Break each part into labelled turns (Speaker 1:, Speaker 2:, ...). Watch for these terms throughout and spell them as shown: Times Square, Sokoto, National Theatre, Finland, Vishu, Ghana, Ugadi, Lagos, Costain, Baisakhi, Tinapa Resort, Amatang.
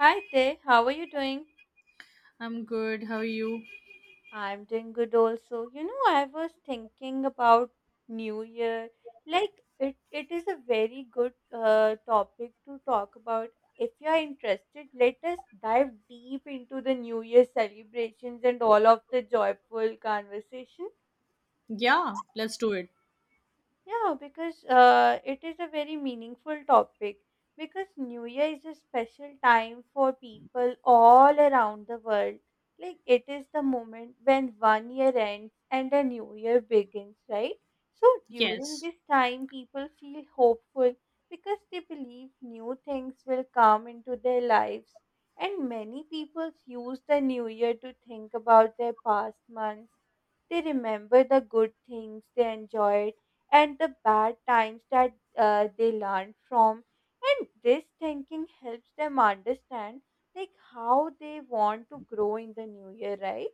Speaker 1: Hi there, how are you doing?
Speaker 2: I'm good. How are you?
Speaker 1: I'm doing good also. You know, I was thinking about New Year. It is a very good topic to talk about. If you are interested, let us dive deep into the New Year celebrations and all of the joyful conversations.
Speaker 2: Yeah, let's do it.
Speaker 1: Yeah, because it is a very meaningful topic. Because New Year is a special time for people all around the world. Like, it is the moment when one year ends and a new year begins, right? So, during
Speaker 2: Yes.
Speaker 1: this time, people feel hopeful because they believe new things will come into their lives. And many people use the new year to think about their past months. They remember the good things they enjoyed and the bad times that they learn from, and this thinking helps them understand like how they want to grow in the new year, right?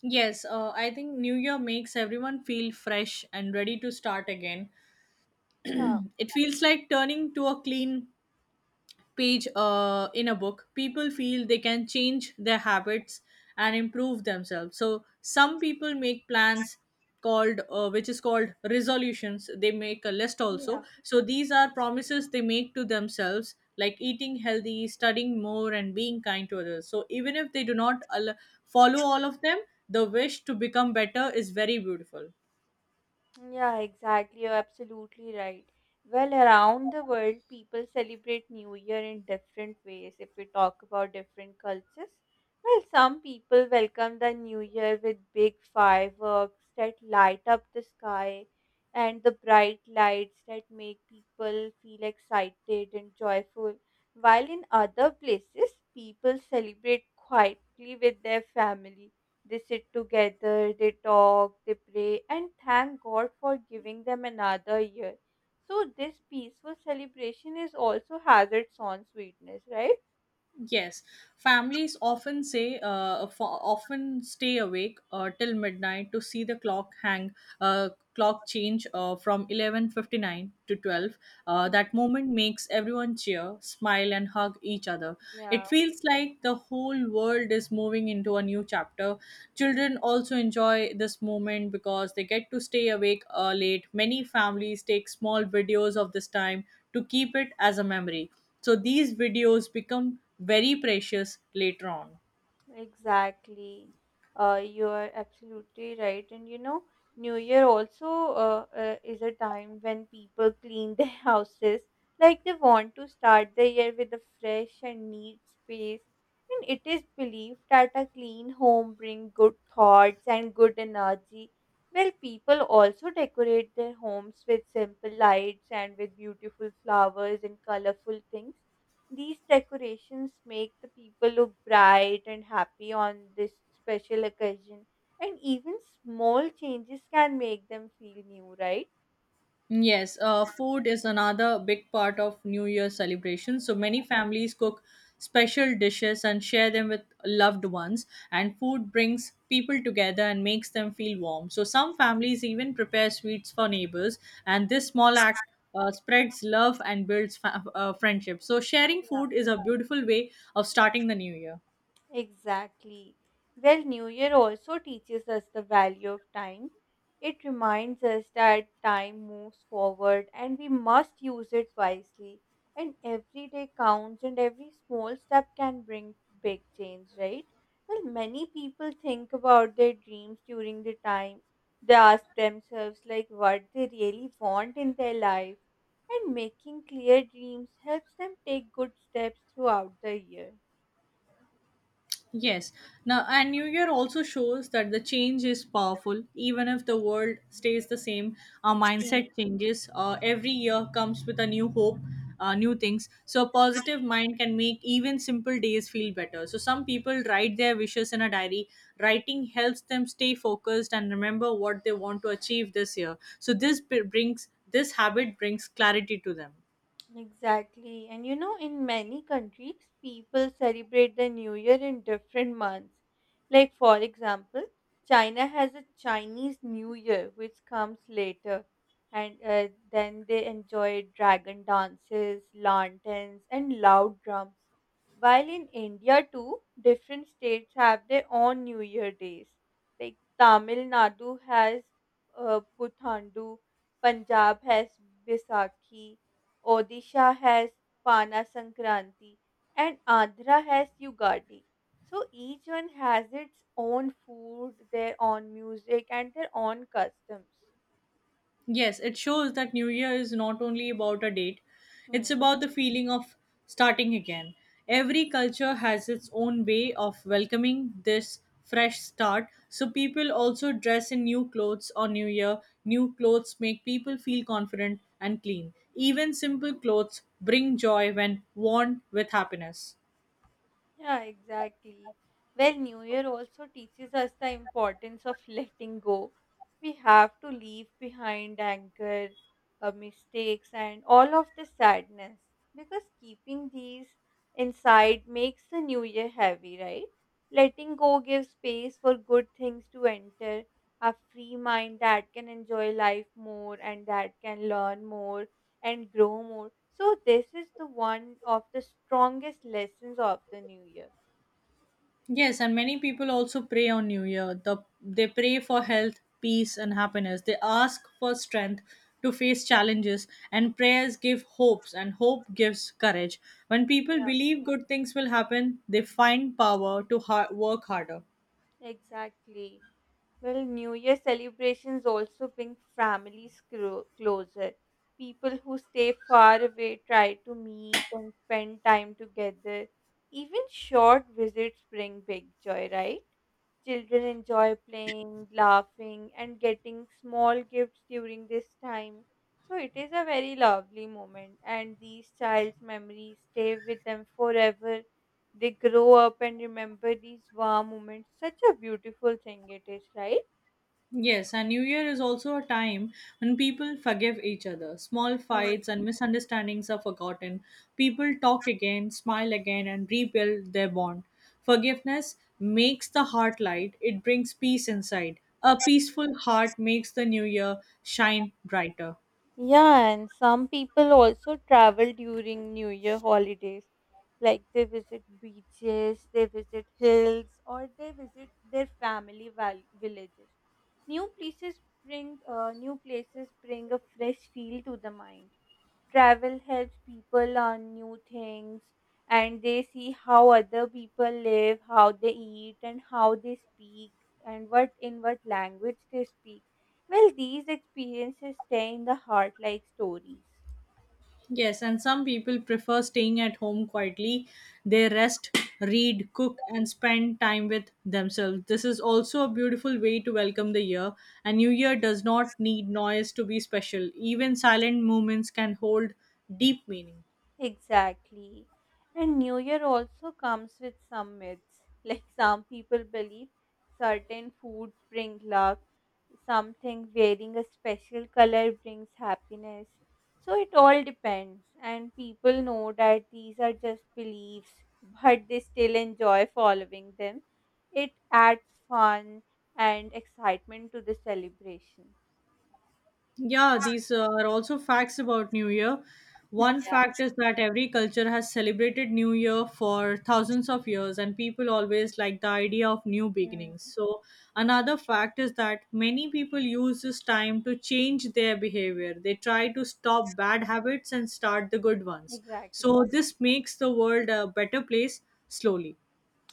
Speaker 2: Yes, I think New Year makes everyone feel fresh and ready to start again.
Speaker 1: yeah
Speaker 2: It feels like turning to a clean page in a book. People feel they can change their habits and improve themselves. So some people make plans called which is called resolutions. They make a list
Speaker 1: yeah
Speaker 2: also, so these are promises they make to themselves, like eating healthy, studying more, and being kind to others. So even if they do not al- follow all of them, the wish to become better is very beautiful.
Speaker 1: Yeah, exactly. You're absolutely right. Well, around the world, people celebrate New Year in different ways. If we talk about different cultures, well, some people welcome the New Year with big fireworks that light up the sky and the bright lights that make people feel excited and joyful. While in other places, people celebrate quietly with their families, they sit together, they talk, they pray, and thank God for giving them another year. So, this peaceful celebration is also has its own sweetness, right?
Speaker 2: Yes, families often often stay awake till midnight to see the uh, clock change from 11:59 to 12. That moment makes everyone cheer, smile, and hug each other.
Speaker 1: Yeah.
Speaker 2: It feels like the whole world is moving into a new chapter. Children also enjoy this moment because they get to stay awake late. Many families take small videos of this time to keep it as a memory, so these videos become very precious later on.
Speaker 1: Exactly. You are absolutely right. And you know, New Year also is a time when people clean their houses. Like they want to start the year with a fresh and neat space. And it is believed that a clean home brings good thoughts and good energy. Well, people also decorate their homes with simple lights and with beautiful flowers and colorful things, these decorations make the people look bright and happy on this special occasion, and even small changes can make them feel new, right?
Speaker 2: Yes, food is another big part of New Year celebrations. So many families cook special dishes and share them with loved ones, and food brings people together and makes them feel warm. So some families even prepare sweets for neighbors, and this small act spreads love and builds friendship. So sharing
Speaker 1: Yeah.
Speaker 2: food is a beautiful way of starting the new year.
Speaker 1: Exactly. Well, New Year also teaches us the value of time. It reminds us that time moves forward and we must use it wisely. And every day counts, and every small step can bring big change, right? Well, many people think about their dreams during the time. They ask themselves, like, what they really want in their life. And making clear dreams helps them take good steps throughout the year.
Speaker 2: Yes. Now, and New Year also shows that the change is powerful. Even if the world stays the same, our mindset changes. Every year comes with a new hope, new things. So a positive mind can make even simple days feel better. So some people write their wishes in a diary. Writing helps them stay focused and remember what they want to achieve this year. So, this habit brings clarity to them.
Speaker 1: Exactly. And you know, in many countries, people celebrate the New Year in different months. Like, for example, China has a Chinese New Year, which comes later. And then they enjoy dragon dances, lanterns, and loud drums. While in India, too, different states have their own New Year days. Like, Tamil Nadu has Puthandu, Punjab has Bisakhi, Odisha has Pana Sankranti, and Andhra has Yugadi. So each one has its own food, their own music, and their own customs.
Speaker 2: Yes, it shows that New Year is not only about a date, it's
Speaker 1: Hmm.
Speaker 2: about the feeling of starting again. Every culture has its own way of welcoming this fresh start. So people also dress in new clothes on New Year. New clothes make people feel confident and clean. Even simple clothes bring joy when worn with happiness.
Speaker 1: Yeah, exactly. Well, New Year also teaches us the importance of letting go. We have to leave behind anger, mistakes, and all of the sadness because keeping these inside makes the New Year heavy, right? Letting go gives space for good things to enter, a free mind that can enjoy life more and that can learn more and grow more. So this is the one of the strongest lessons of the new year.
Speaker 2: Yes, and many people also pray on New Year. They pray for health, peace, and happiness. They ask for strength to face challenges, and prayers give hopes, and hope gives courage. When people
Speaker 1: Yeah.
Speaker 2: believe good things will happen, they find power to work harder.
Speaker 1: Exactly. Well, New Year celebrations also bring families closer. People who stay far away try to meet and spend time together. Even short visits bring big joy, right? Children enjoy playing, laughing, and getting small gifts during this time. So it is a very lovely moment, and these child's memories stay with them forever. They grow up and remember these warm moments. Such a beautiful thing it is, right?
Speaker 2: Yes, and New Year is also a time when people forgive each other. Small
Speaker 1: Hmm.
Speaker 2: fights and misunderstandings are forgotten. People talk again, smile again, and rebuild their bond. Forgiveness makes the heart light, it brings peace inside. A peaceful heart makes the new year shine brighter.
Speaker 1: Yeah, and some people also travel during New Year holidays. Like they visit beaches, they visit hills, or they visit their family villages. New places New places bring a fresh feel to the mind. Travel helps people learn new things and they see how other people live, how they eat, and how they speak, and what in what language they speak. Well, these experiences stay in the heart like stories.
Speaker 2: Yes, and some people prefer staying at home quietly. They rest, read, cook, and spend time with themselves. This is also a beautiful way to welcome the year, and New Year does not need noise to be special. Even silent moments can hold deep meaning.
Speaker 1: Exactly. And New Year also comes with some myths. Like some people believe certain foods bring luck, something wearing a special color brings happiness. So it all depends, and people know that these are just beliefs, but they still enjoy following them. It adds fun and excitement to the celebration.
Speaker 2: Yeah, these are also facts about New Year.
Speaker 1: Hmm.
Speaker 2: One
Speaker 1: Yeah.
Speaker 2: fact is that every culture has celebrated New Year for thousands of years, and people always like the idea of new beginnings.
Speaker 1: Mm,
Speaker 2: So another fact is that many people use this time to change their behavior. They try to stop bad habits and start the good ones.
Speaker 1: exactly.
Speaker 2: So this makes the world a better place slowly.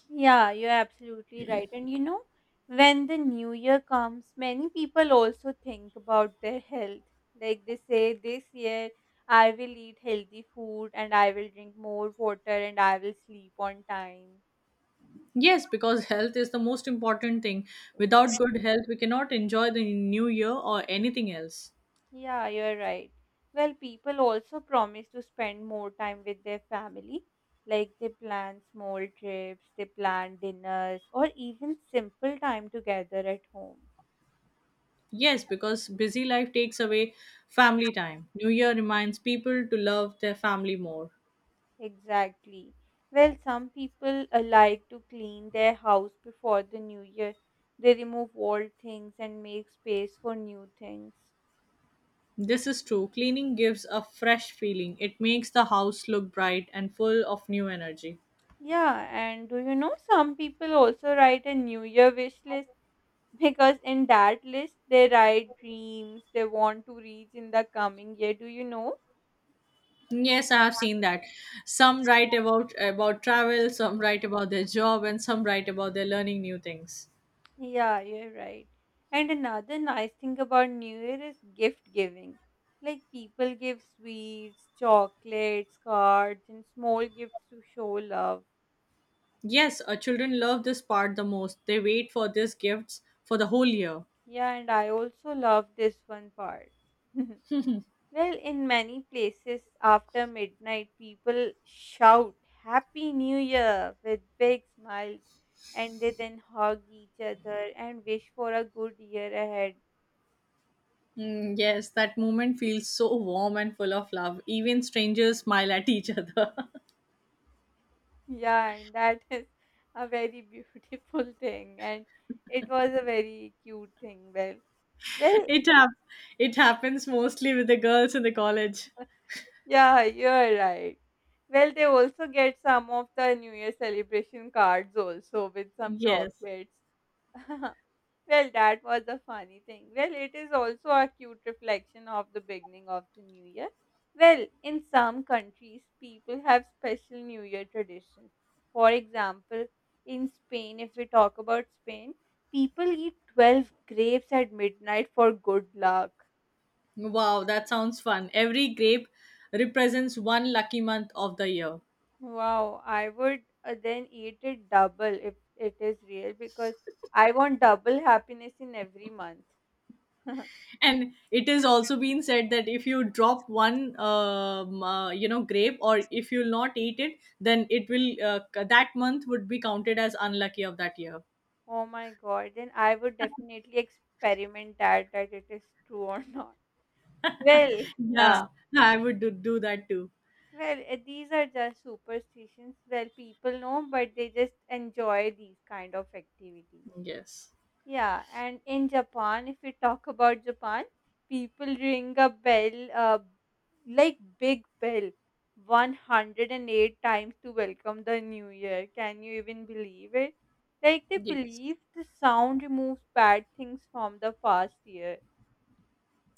Speaker 1: Yeah, you're absolutely right. And you know, when the new year comes, many people also think about their health. Like they say, this year I will eat healthy food and I will drink more water and I will sleep on time.
Speaker 2: Yes, because health is the most important thing. Without
Speaker 1: Exactly.
Speaker 2: good health, we cannot enjoy the new year or anything else.
Speaker 1: Yeah, you're right. Well, people also promise to spend more time with their family. Like they plan small trips, they plan dinners, or even simple time together at home.
Speaker 2: Yes, because busy life takes away family time. New Year reminds people to love their family more.
Speaker 1: Exactly. Well, some people like to clean their house before the new year. They remove old things and make space for new things.
Speaker 2: This is true. Cleaning gives a fresh feeling. It makes the house look bright and full of new energy.
Speaker 1: Yeah, and do you know some people also write a new year wish list because in that list they write dreams they want to reach in the coming year. Do you know?
Speaker 2: Yes, I have seen that. Some write about travel, some write about their job, and some write about their learning new things.
Speaker 1: Yeah, you're right. And another nice thing about New Year is gift giving. Like people give sweets, chocolates, cards, and small gifts to show love.
Speaker 2: Yes, our children love this part the most. They wait for these gifts for the whole year.
Speaker 1: Yeah, and I also love this one part. Well, in many places after midnight, people shout Happy New Year with big smiles and they then hug each other and wish for a good year ahead.
Speaker 2: Mm, yes, that moment feels so warm and full of love. Even strangers smile at each other.
Speaker 1: Yeah, and that is a very beautiful thing, and it was a very cute thing. Well,
Speaker 2: it hap- it happens mostly with the girls in the college.
Speaker 1: yeah, you're right. Well, they also get some of the New Year celebration cards also with some
Speaker 2: Yes.
Speaker 1: chocolates. Well, that was a funny thing. Well, it is also a cute reflection of the beginning of the new year. Well, in some countries, people have special new year traditions. For example, in Spain, if we talk about Spain, people eat 12 grapes at midnight for good luck.
Speaker 2: Wow, that sounds fun. Every grape represents one lucky month of the year.
Speaker 1: Wow, I would then eat it double if it is real because I want double happiness in every month.
Speaker 2: And it is also been said that if you drop one, grape, or if you'll not eat it, then it will that month would be counted as unlucky of that year.
Speaker 1: Oh my God, then I would definitely experiment that that it is true or not. Well, yeah.
Speaker 2: Yeah, I would do that too.
Speaker 1: Well, these are just superstitions. Well, people know, but they just enjoy these kind of activities.
Speaker 2: Yes.
Speaker 1: Yeah, and in Japan, if we talk about Japan, people ring a bell, like big bell, 108 times to welcome the new year. Can you even believe it? Like they
Speaker 2: Yes.
Speaker 1: believe the sound removes bad things from the past year.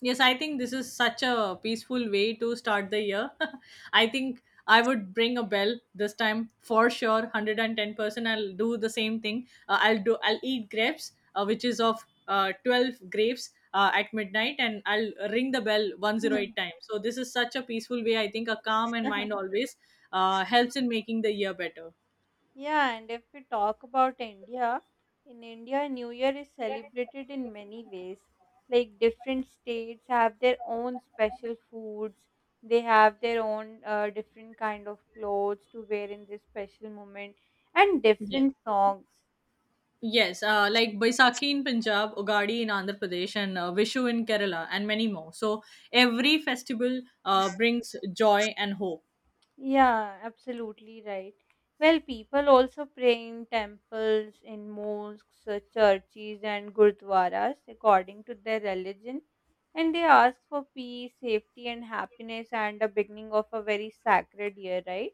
Speaker 2: Yes, I think this is such a peaceful way to start the year. I think I would bring a bell this time for sure, 110%. I'll do the same thing. I'll eat grapes, which is of 12 grapes at midnight, and I'll ring the bell 108 times. So this is such a peaceful way. I think a calm and mind always helps in making the year better.
Speaker 1: Yeah, and if we talk about India, in India, New Year is celebrated in many ways. Like different states have their own special foods. They have their own different kind of clothes to wear in this special moment, and
Speaker 2: Yes.
Speaker 1: different songs.
Speaker 2: Yes, like Baisakhi in Punjab, Ugadi in Andhra Pradesh, and Vishu in Kerala, and many more. So every festival brings joy and hope.
Speaker 1: Yeah, absolutely right. Well, people also pray in temples, in mosques, churches, and gurdwaras according to their religion, and they ask for peace, safety, and happiness, and the beginning of a very sacred year, right?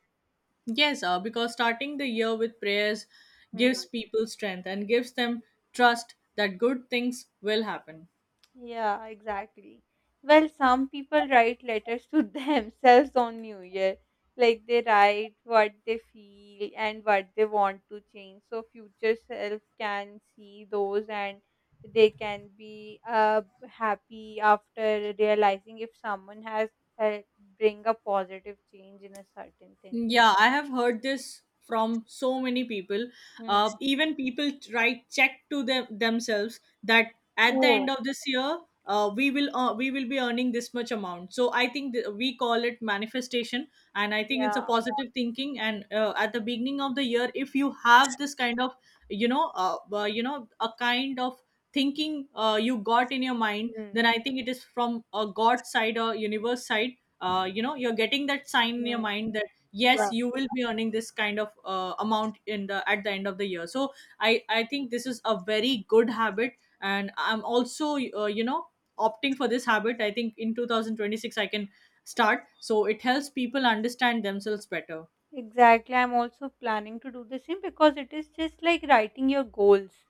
Speaker 2: Yes, because starting the year with prayers
Speaker 1: Hmm.
Speaker 2: gives people strength and gives them trust that good things will happen.
Speaker 1: Yeah, exactly. Well, some people write letters to themselves on New Year. Like they write what they feel and what they want to change. So future self can see those and they can be happy after realizing if someone has helped bring a positive change in a certain thing.
Speaker 2: Yeah, I have heard this from so many people.
Speaker 1: Hmm.
Speaker 2: Even people try check to them themselves that at the
Speaker 1: Oh,
Speaker 2: end of this year, we will be earning this much amount. So I think we call it manifestation, and I think it's a
Speaker 1: yeah.
Speaker 2: positive thinking. And at the beginning of the year, if you have this kind of a kind of thinking you got in your mind,
Speaker 1: Mm.
Speaker 2: then I think it is from a God side or universe side, you're getting that sign in your
Speaker 1: Mm.
Speaker 2: mind that yes, you will be earning this kind of amount in the at the end of the year. So I think this is a very good habit, and I'm also opting for this habit. I think in 2026 I can start. So it helps people understand themselves better.
Speaker 1: Exactly. I'm also planning to do the same because it is just like writing your goals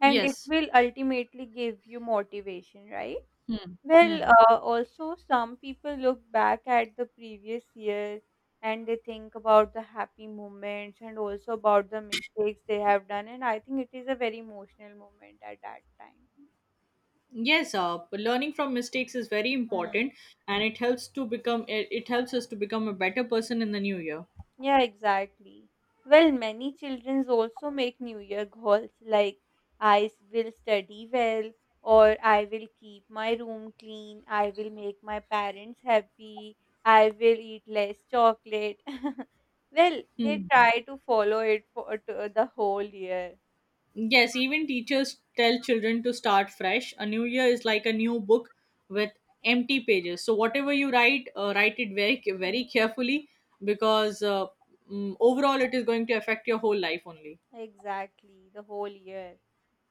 Speaker 1: and it
Speaker 2: Yes.
Speaker 1: will ultimately give you motivation, right?
Speaker 2: Hmm.
Speaker 1: Well,
Speaker 2: Hmm.
Speaker 1: also, some people look back at the previous year and they think about the happy moments and also about the mistakes they have done. And I think it is a very emotional moment at that time.
Speaker 2: Yes, but learning from mistakes is very important, and it helps us to become a better person in the new year.
Speaker 1: Yeah, exactly. Well, many children also make New Year goals like I will study well, or I will keep my room clean, I will make my parents happy, I will eat less chocolate. Well, they
Speaker 2: Hmm.
Speaker 1: try to follow it for to the whole year.
Speaker 2: Yes, even teachers tell children to start fresh. A new year is like a new book with empty pages. So whatever you write, write it very very carefully, because overall it is going to affect your whole life only.
Speaker 1: Exactly, the whole year.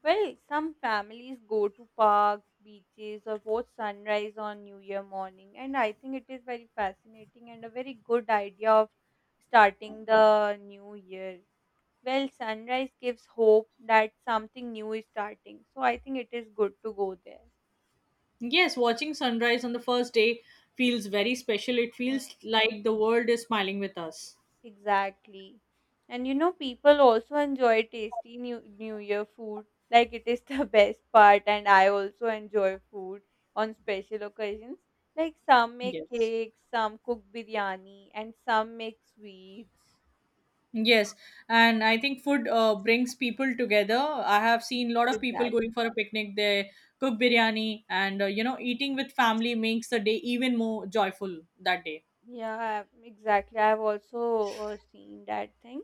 Speaker 1: Well, some families go to parks, beaches, or watch sunrise on New Year morning, and I think it is very fascinating and a very good idea of starting the new year. Well, sunrise gives hope that something new is starting, so I think it is good to go there.
Speaker 2: Yes, watching sunrise on the first day feels very special. It feels like the world is smiling with us.
Speaker 1: Exactly. And you know, people also enjoy tasty New Year food. Like it is the best part, and I also enjoy food on special occasions. Like some make
Speaker 2: Yes.
Speaker 1: cakes, some cook biryani, and some make sweets.
Speaker 2: Yes, and I think food brings people together. I have seen a lot of people
Speaker 1: Exactly.
Speaker 2: going for a picnic. They cook biryani, and eating with family makes the day even more joyful that day.
Speaker 1: Yeah, exactly. I've also seen that thing.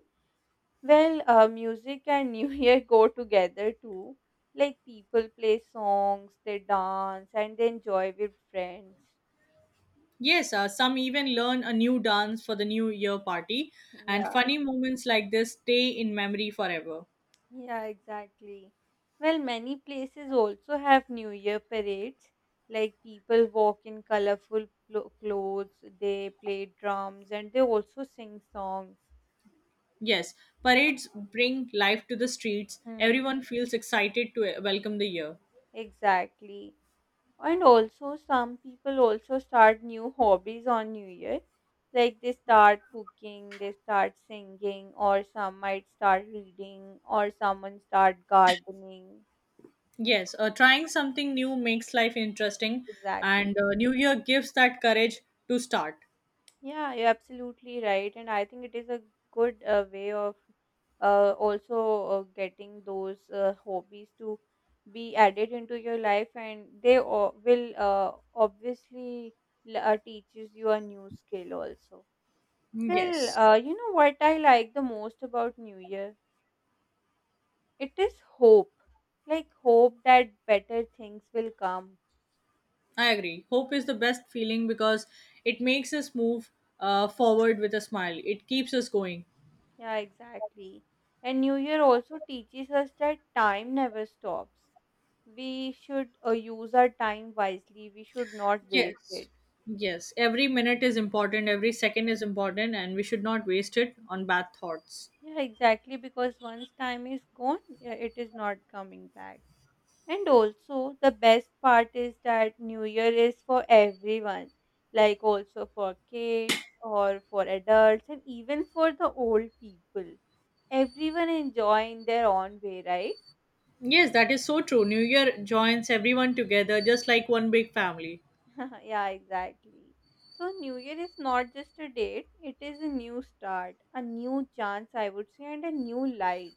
Speaker 1: Well, music and New Year go together too. Like people play songs, they dance, and they enjoy with friends.
Speaker 2: Yes, some even learn a new dance for the New Year party, and
Speaker 1: Yeah.
Speaker 2: funny moments like this stay in memory forever.
Speaker 1: Yeah, exactly. Well, many places also have New Year parades. Like people walk in colorful clothes, they play drums, and they also sing songs.
Speaker 2: Yes, parades bring life to the streets.
Speaker 1: Hmm.
Speaker 2: Everyone feels excited to welcome the year.
Speaker 1: Exactly. And also, some people also start new hobbies on New Year. Like they start cooking, they start singing, or some might start reading, or someone start gardening.
Speaker 2: Yes, trying something new makes life interesting,
Speaker 1: Exactly.
Speaker 2: and New Year gives that courage to start.
Speaker 1: Yeah, you're absolutely right. And I think it is a good way of also getting those hobbies to be added into your life, and they will obviously teaches you a new skill also. Well,
Speaker 2: Yes,
Speaker 1: you know what I like the most about New Year? It is hope. Like hope that better things will come.
Speaker 2: I agree. Hope is the best feeling because it makes us move forward with a smile, it keeps us going.
Speaker 1: Yeah, exactly. And New Year also teaches us that time never stops, we should use our time wisely. We should not waste
Speaker 2: Yes,
Speaker 1: it.
Speaker 2: yes, every minute is important, every second is important, and we should not waste it on bad thoughts.
Speaker 1: Yeah, exactly. Because once time is gone, yeah, it is not coming back. And also, the best part is that New Year is for everyone, like also for kids or for adults, and even for the old people. Everyone enjoy in their own way, right?
Speaker 2: Yes, that is so true. New Year joins everyone together just like one big family.
Speaker 1: Yeah, exactly. So, New Year is not just a date, it is a new start, a new chance, I would say, and a new light.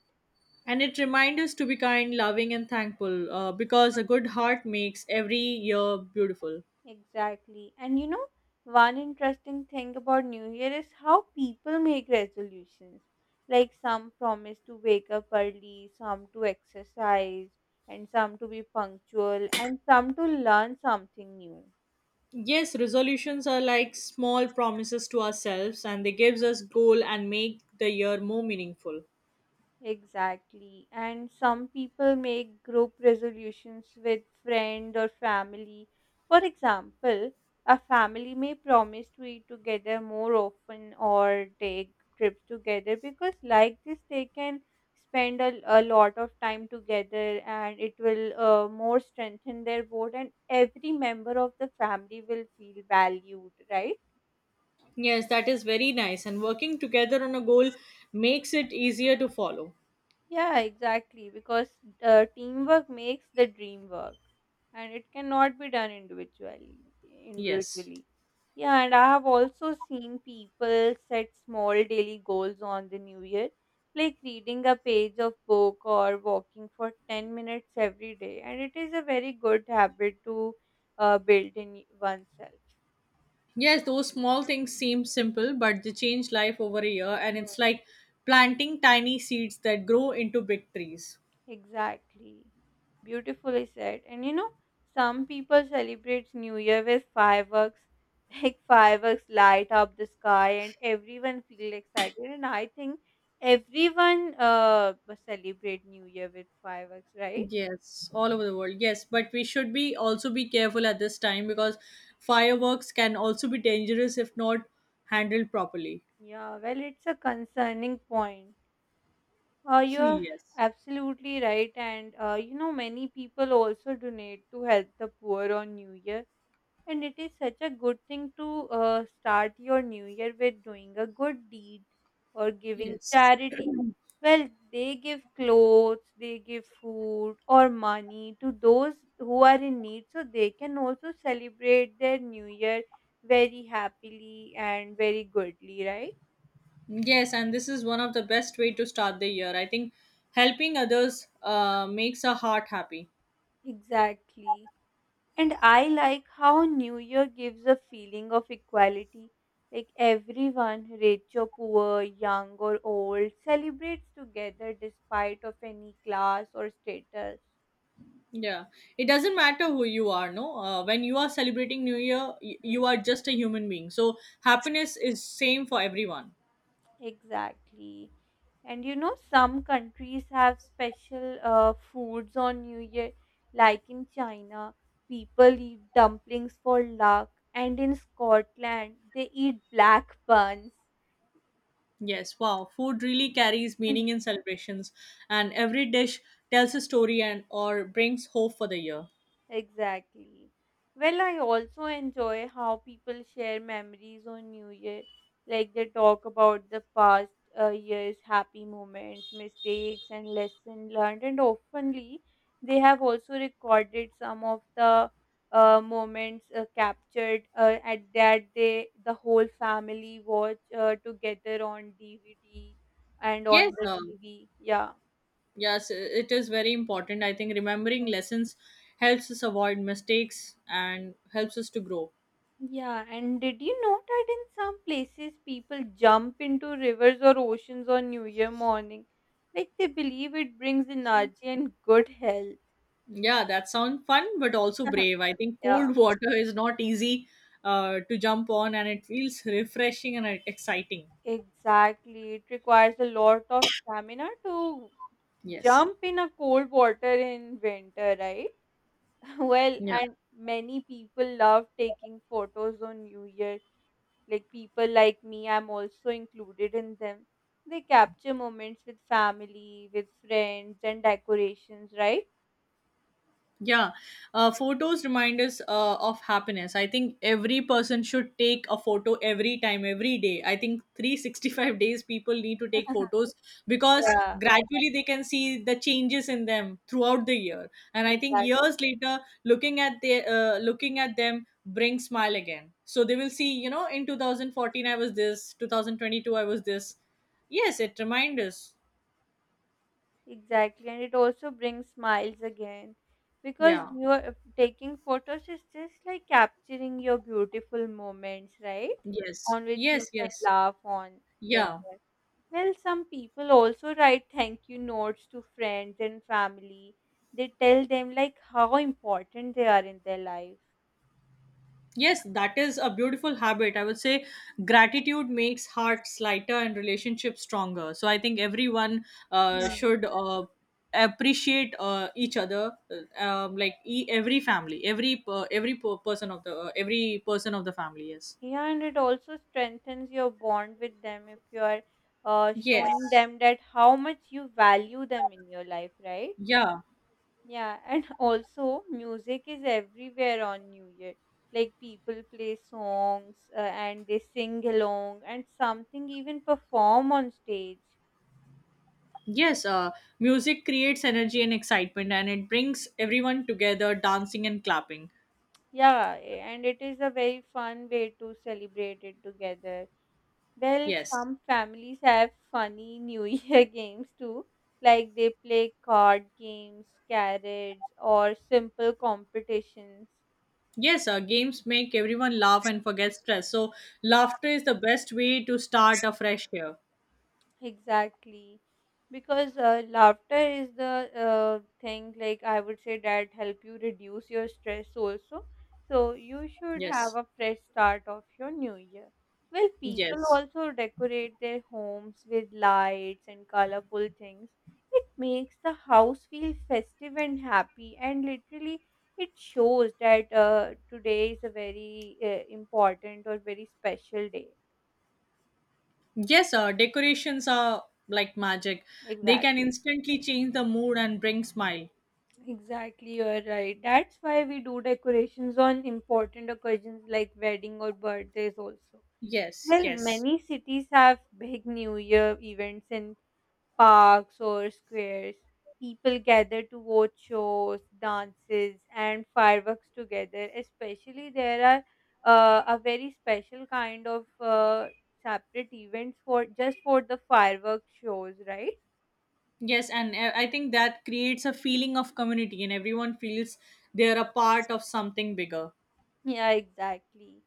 Speaker 2: And it reminds us to be kind, loving, and thankful, because a good heart makes every year beautiful.
Speaker 1: Exactly. And you know, one interesting thing about New Year is how people make resolutions. Like, some promise to wake up early, some to exercise, and some to be punctual, and some to learn something new.
Speaker 2: Yes, resolutions are like small promises to ourselves, and they gives us goal and make the year more meaningful.
Speaker 1: Exactly. And some people make group resolutions with friend or family. For example, a family may promise to eat together more often or take trips together because like this they can spend a lot of time together and it will more strengthen their bond and every member of the family will feel valued, right?
Speaker 2: Yes, that is very nice, and working together on a goal makes it easier to follow.
Speaker 1: Yeah, exactly. Because teamwork makes the dream work, and it cannot be done individually.
Speaker 2: Yes.
Speaker 1: Individually, yeah. And I have also seen people set small daily goals on the new year, like reading a page of book or walking for 10 minutes every day. And it is a very good habit to build in oneself.
Speaker 2: Yes, those small things seem simple but they change life over a year, and it's like planting tiny seeds that grow into big trees.
Speaker 1: Exactly. Beautifully said. And you know, some people celebrate New Year with fireworks, like fireworks light up the sky and everyone feel excited. And I think everyone celebrate New Year with fireworks, right?
Speaker 2: Yes, all over the world. Yes, but we should be also be careful at this time because fireworks can also be dangerous if not handled properly.
Speaker 1: Yeah, well, it's a concerning point. You're
Speaker 2: Yes.
Speaker 1: absolutely right. And you know, many people also donate to help the poor on New Year. And it is such a good thing to start your new year with doing a good deed or giving
Speaker 2: Yes.
Speaker 1: charity. Well, they give clothes, they give food or money to those who are in need, so they can also celebrate their new year very happily and very goodly, right?
Speaker 2: Yes, and this is one of the best way to start the year. I think helping others makes our heart happy.
Speaker 1: Exactly. And I like how New Year gives a feeling of equality. Like everyone, rich or poor, young or old, celebrates together despite of any class or status.
Speaker 2: Yeah. It doesn't matter who you are, no? When you are celebrating New Year,
Speaker 1: Mm.
Speaker 2: you are just a human being. So happiness is same for everyone.
Speaker 1: Exactly. And you know, some countries have special foods on New Year, like in China, people eat dumplings for luck, and in Scotland, they eat black buns.
Speaker 2: Yes, wow. Food really carries meaning in celebrations, and every dish tells a story and or brings hope for the year.
Speaker 1: Exactly. Well, I also enjoy how people share memories on New Year. Like they talk about the past year's happy moments, mistakes, and lesson learned. And oftenly, they have also recorded some of the moments captured at that the whole family watch together on DVD and on
Speaker 2: Yes,
Speaker 1: the TV. Yeah.
Speaker 2: yes, it is very important. I think remembering lessons helps us avoid mistakes and helps us to grow.
Speaker 1: Yeah, and did you know that in some places people jump into rivers or oceans on New Year morning? Like they believe it brings energy and good health.
Speaker 2: Yeah, that sounds fun, but also brave. I think
Speaker 1: Yeah,
Speaker 2: cold water is not easy to jump on, and it feels refreshing and exciting.
Speaker 1: exactly. It requires a lot of stamina to
Speaker 2: Yes.
Speaker 1: jump in a cold water in winter, right? Well,
Speaker 2: Yeah.
Speaker 1: and many people love taking photos on New Year. Like people like me, I'm also included in them. They capture moments with family, with friends, and decorations, right?
Speaker 2: Yeah, photos remind us of happiness. I think every person should take a photo every time, every day. I think 365 days people need to take photos because
Speaker 1: Yeah,
Speaker 2: gradually they can see the changes in them throughout the year. And I think
Speaker 1: exactly.
Speaker 2: years later, looking at the looking at them brings smile again. So they will see, you know, in 2014 I was this, 2022 I was this. Yes, it reminds us.
Speaker 1: Exactly. And it also brings smiles again because
Speaker 2: Yeah.
Speaker 1: you're taking photos is just like capturing your beautiful moments, right?
Speaker 2: Yes.
Speaker 1: On which you
Speaker 2: Yes.
Speaker 1: can
Speaker 2: Yes.
Speaker 1: laugh on later.
Speaker 2: Yeah.
Speaker 1: Well, some people also write thank you notes to friends and family. They tell them like how important they are in their life.
Speaker 2: Yes, that is a beautiful habit. I would say gratitude makes hearts lighter and relationships stronger. So I think everyone
Speaker 1: Hmm.
Speaker 2: should appreciate each other, like every family, person of the every person of the family. Yes.
Speaker 1: Yeah, and it also strengthens your bond with them if you are showing
Speaker 2: Yes.
Speaker 1: them that how much you value them in your life, right?
Speaker 2: Yeah.
Speaker 1: Yeah, and also music is everywhere on New Year. Like people play songs and they sing along and something even perform on stage.
Speaker 2: Yes. Music creates energy and excitement, and it brings everyone together, dancing and clapping.
Speaker 1: Yeah, and it is a very fun way to celebrate it together. Well,
Speaker 2: Yes.
Speaker 1: some families have funny New Year games too, like they play card games, carrots, or simple competitions.
Speaker 2: Yes, games make everyone laugh and forget stress. So, laughter is the best way to start a fresh year.
Speaker 1: Exactly. Because laughter is the thing, like I would say, that help you reduce your stress also. So you should have
Speaker 2: Yes.
Speaker 1: a fresh start of your new year. Well, people
Speaker 2: Yes.
Speaker 1: also decorate their homes with lights and colorful things. It makes the house feel festive and happy, and literally it shows that today is a very important or very special day.
Speaker 2: Yes, decorations are like magic. They can
Speaker 1: Exactly.
Speaker 2: instantly change the mood and bring smile.
Speaker 1: Exactly, you're right. That's why we do decorations on important occasions like wedding or birthdays also.
Speaker 2: Yes,
Speaker 1: Well,
Speaker 2: yes.
Speaker 1: many cities have big New Year events in parks or squares. People gather to watch shows, dances, and fireworks together. Especially there are a very special kind of separate events for just for the fireworks shows, right?
Speaker 2: Yes, and I think that creates a feeling of community and everyone feels they're a part of something bigger.
Speaker 1: Yeah, exactly.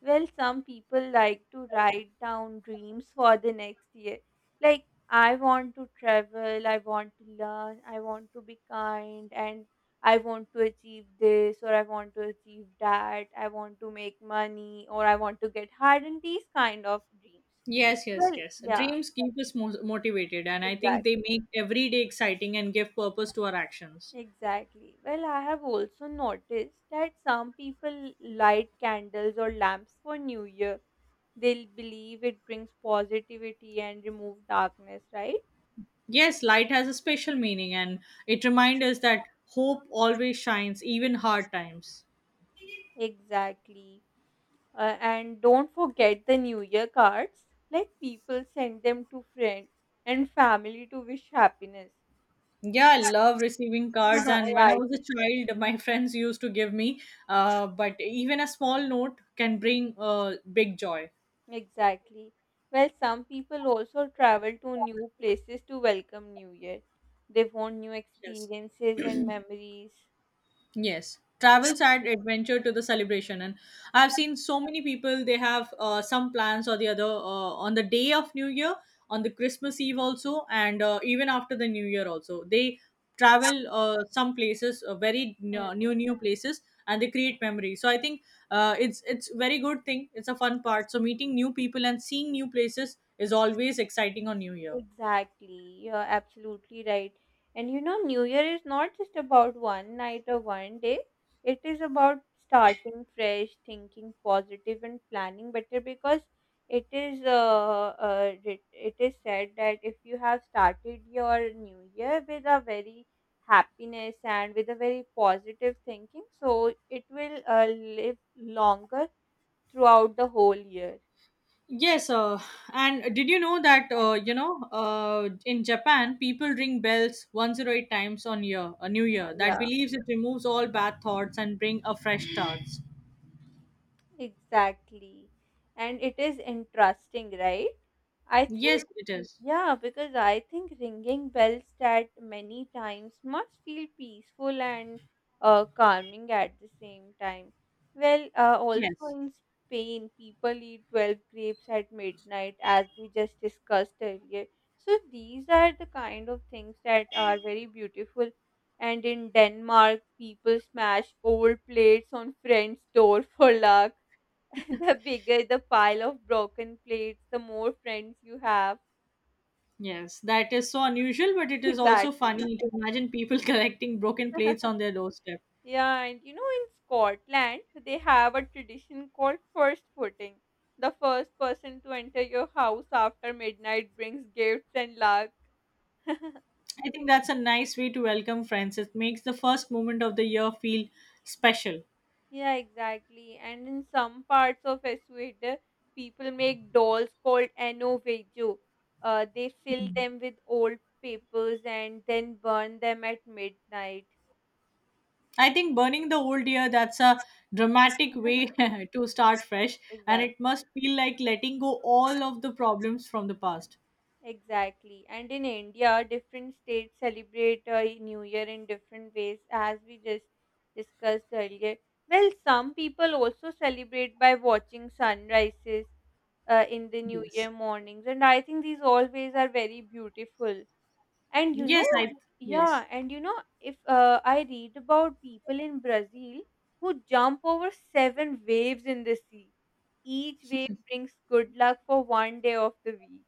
Speaker 1: Well, some people like to write down dreams for the next year. Like, I want to travel, I want to learn, I want to be kind, and I want to achieve this, or I want to achieve that, I want to make money, or I want to get hired, and these kind of dreams.
Speaker 2: Yes, yes,
Speaker 1: Well,
Speaker 2: yes.
Speaker 1: yeah,
Speaker 2: Dreams keep us motivated, and I think
Speaker 1: exactly.
Speaker 2: they make every day exciting and give purpose to our actions.
Speaker 1: Exactly. Well, I have also noticed that some people light candles or lamps for New Year. They'll believe it brings positivity and remove darkness, right?
Speaker 2: Yes, light has a special meaning, and it reminds us that hope always shines, even hard times.
Speaker 1: Exactly. And don't forget the New Year cards. Like people send them to friends and family to wish happiness.
Speaker 2: Yeah, I love receiving cards. And when I
Speaker 1: Right.
Speaker 2: was a child, my friends used to give me, but even a small note can bring big joy.
Speaker 1: Exactly. Well, some people also travel to new places to welcome New Year. They want new
Speaker 2: Yes.
Speaker 1: experiences and memories.
Speaker 2: Yes, travels add adventure to the celebration, and I've seen so many people they have some plans or the other on the day of New Year, on the Christmas Eve also, and even after the New Year also. They travel some places,
Speaker 1: Hmm.
Speaker 2: new places, and they create memories. So I think it's very good thing. It's a fun part. So meeting new people and seeing new places is always exciting on New Year.
Speaker 1: Exactly. You're absolutely right. And you know, New Year is not just about one night or one day. It is about starting fresh, thinking positive, and planning better because it is it, it is said that if you have started your New Year with a very happiness and with a very positive thinking, so it will live longer throughout the whole year.
Speaker 2: Yes, and did you know that you know in Japan people ring bells 108 times on year a new year that
Speaker 1: Yeah.
Speaker 2: believes it removes all bad thoughts and bring a fresh start.
Speaker 1: Exactly. And it is interesting, right? I think,
Speaker 2: Yes, it is.
Speaker 1: yeah, because I think ringing bells that many times must feel peaceful and calming at the same time. Well, also
Speaker 2: Yes.
Speaker 1: in Spain, people eat 12 grapes at midnight, as we just discussed earlier. So these are the kind of things that are very beautiful. And in Denmark, people smash old plates on friends' door for luck. The bigger the pile of broken plates, the more friends you have.
Speaker 2: Yes, that is so unusual, but it is also
Speaker 1: Exactly.
Speaker 2: funny to imagine people collecting broken plates on their doorstep.
Speaker 1: Yeah, and you know, in Scotland, they have a tradition called first footing. The first person to enter your house after midnight brings gifts and luck.
Speaker 2: I think that's a nice way to welcome friends. It makes the first moment of the year feel special.
Speaker 1: Yeah, exactly. And in some parts of Ecuador, people make dolls called ano vejo. They fill them with old papers and then burn them at midnight.
Speaker 2: I think burning the old year, that's a dramatic way to start fresh, and it
Speaker 1: Exactly.
Speaker 2: must feel like letting go all of the problems from the past.
Speaker 1: Exactly. And in India, different states celebrate New Year in different ways, as we just discussed earlier. Well, some people also celebrate by watching sunrises in the New
Speaker 2: Yes.
Speaker 1: Year mornings, and I think these all ways are very beautiful. And you know,
Speaker 2: Yes, I, yes.
Speaker 1: yeah, and you know, if I read about people in Brazil who jump over seven waves in the sea, each wave brings good luck for one day of the week.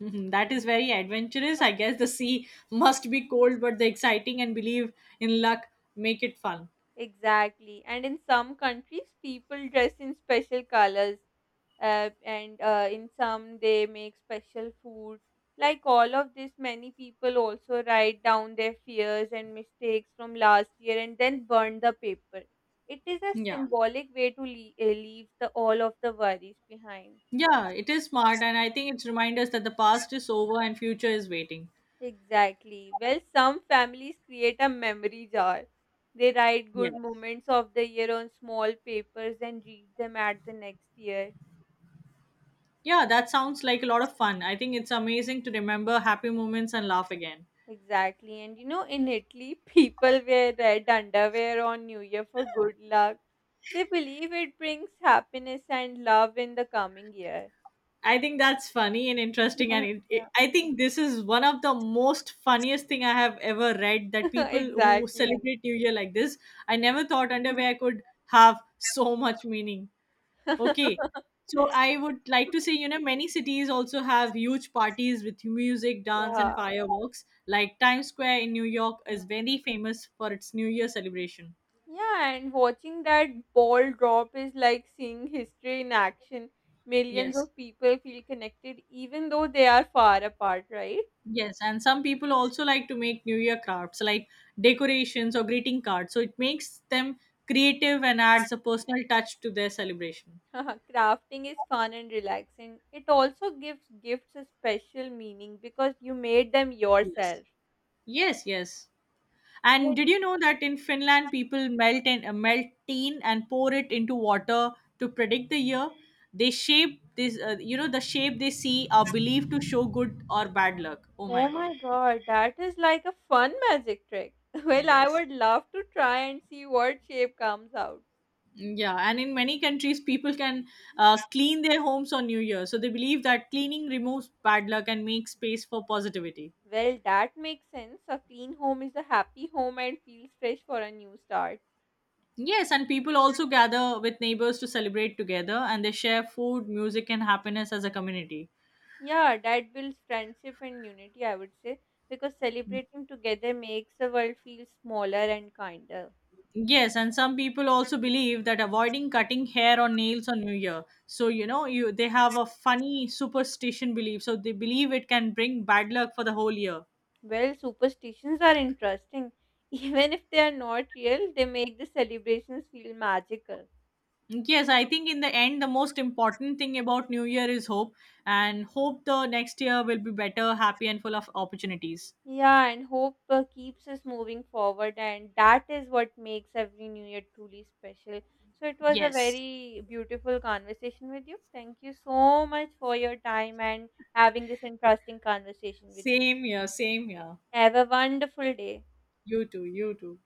Speaker 2: Mhm. That is very adventurous. I guess the sea must be cold, but the exciting and believe in luck make it fun.
Speaker 1: Exactly. And in some countries, people dress in special colors, and in some, they make special food. Like all of this, many people also write down their fears and mistakes from last year and then burn the paper. It is a
Speaker 2: Yeah.
Speaker 1: symbolic way to leave all of the worries behind.
Speaker 2: Yeah, it is smart, and I think it's remind us that the past is over and future is waiting.
Speaker 1: Exactly. Well, some families create a memory jar. They write good
Speaker 2: Yes.
Speaker 1: moments of the year on small papers and read them at the next year.
Speaker 2: Yeah, that sounds like a lot of fun. I think it's amazing to remember happy moments and laugh again.
Speaker 1: Exactly. And you know, in Italy, people wear red underwear on New Year for good luck. They believe it brings happiness and love in the coming year.
Speaker 2: I think that's funny and interesting, and
Speaker 1: Yeah.
Speaker 2: I think this is one of the most funniest thing I have ever read. That people who
Speaker 1: Exactly.
Speaker 2: celebrate New Year like this, I never thought underwear could have so much meaning. Okay, so I would like to say, you know, many cities also have huge parties with music, dance, and
Speaker 1: Yeah.
Speaker 2: fireworks. Like Times Square in New York is
Speaker 1: Mm.
Speaker 2: very famous for its New Year celebration.
Speaker 1: Yeah, and watching that ball drop is like seeing history in action. Millions
Speaker 2: Yes.
Speaker 1: of people feel connected even though they are far apart, right?
Speaker 2: Yes, and some people also like to make New Year crafts like decorations or greeting cards. So it makes them creative and adds a personal touch to their celebration.
Speaker 1: Crafting is fun and relaxing. It also gives gifts a special meaning because you made them
Speaker 2: Yes.
Speaker 1: yourself.
Speaker 2: Yes, yes. And
Speaker 1: Well,
Speaker 2: did you know that in Finland people melt and melt tin and pour it into water to predict the year? They shape this you know the shape they see are believed to show good or bad luck. Oh my
Speaker 1: oh
Speaker 2: god.
Speaker 1: my god, that is like a fun magic trick. Well, I
Speaker 2: Yes.
Speaker 1: would love to try and see what shape comes out.
Speaker 2: Yeah, and in many countries, people can clean their homes on New Year. So they believe that cleaning removes bad luck and makes space for positivity.
Speaker 1: Well, that makes sense. A clean home is a happy home and feels fresh for a new start.
Speaker 2: Yes, and people also gather with neighbors to celebrate together, and they share food, music, and happiness as a community.
Speaker 1: Yeah, that builds friendship and unity, I would say, because celebrating together makes the world feel smaller and kinder.
Speaker 2: Yes, and some people also believe that avoiding cutting hair or nails on New Year. So, you know, you they have a funny superstition belief. So they believe it can bring bad luck for the whole year.
Speaker 1: Well, superstitions are interesting. Even if they are not real, they make the celebrations feel magical.
Speaker 2: Yes, I think in the end, the most important thing about New Year is hope, and hope the next year will be better, happy, and full of opportunities.
Speaker 1: Yeah, and hope keeps us moving forward, and that is what makes every new year truly special. So, it was a
Speaker 2: Yes,
Speaker 1: very beautiful conversation with you. Thank you so much for your time and having this interesting conversation with me.
Speaker 2: same here. Same here.
Speaker 1: Have a wonderful day.
Speaker 2: You too, you too.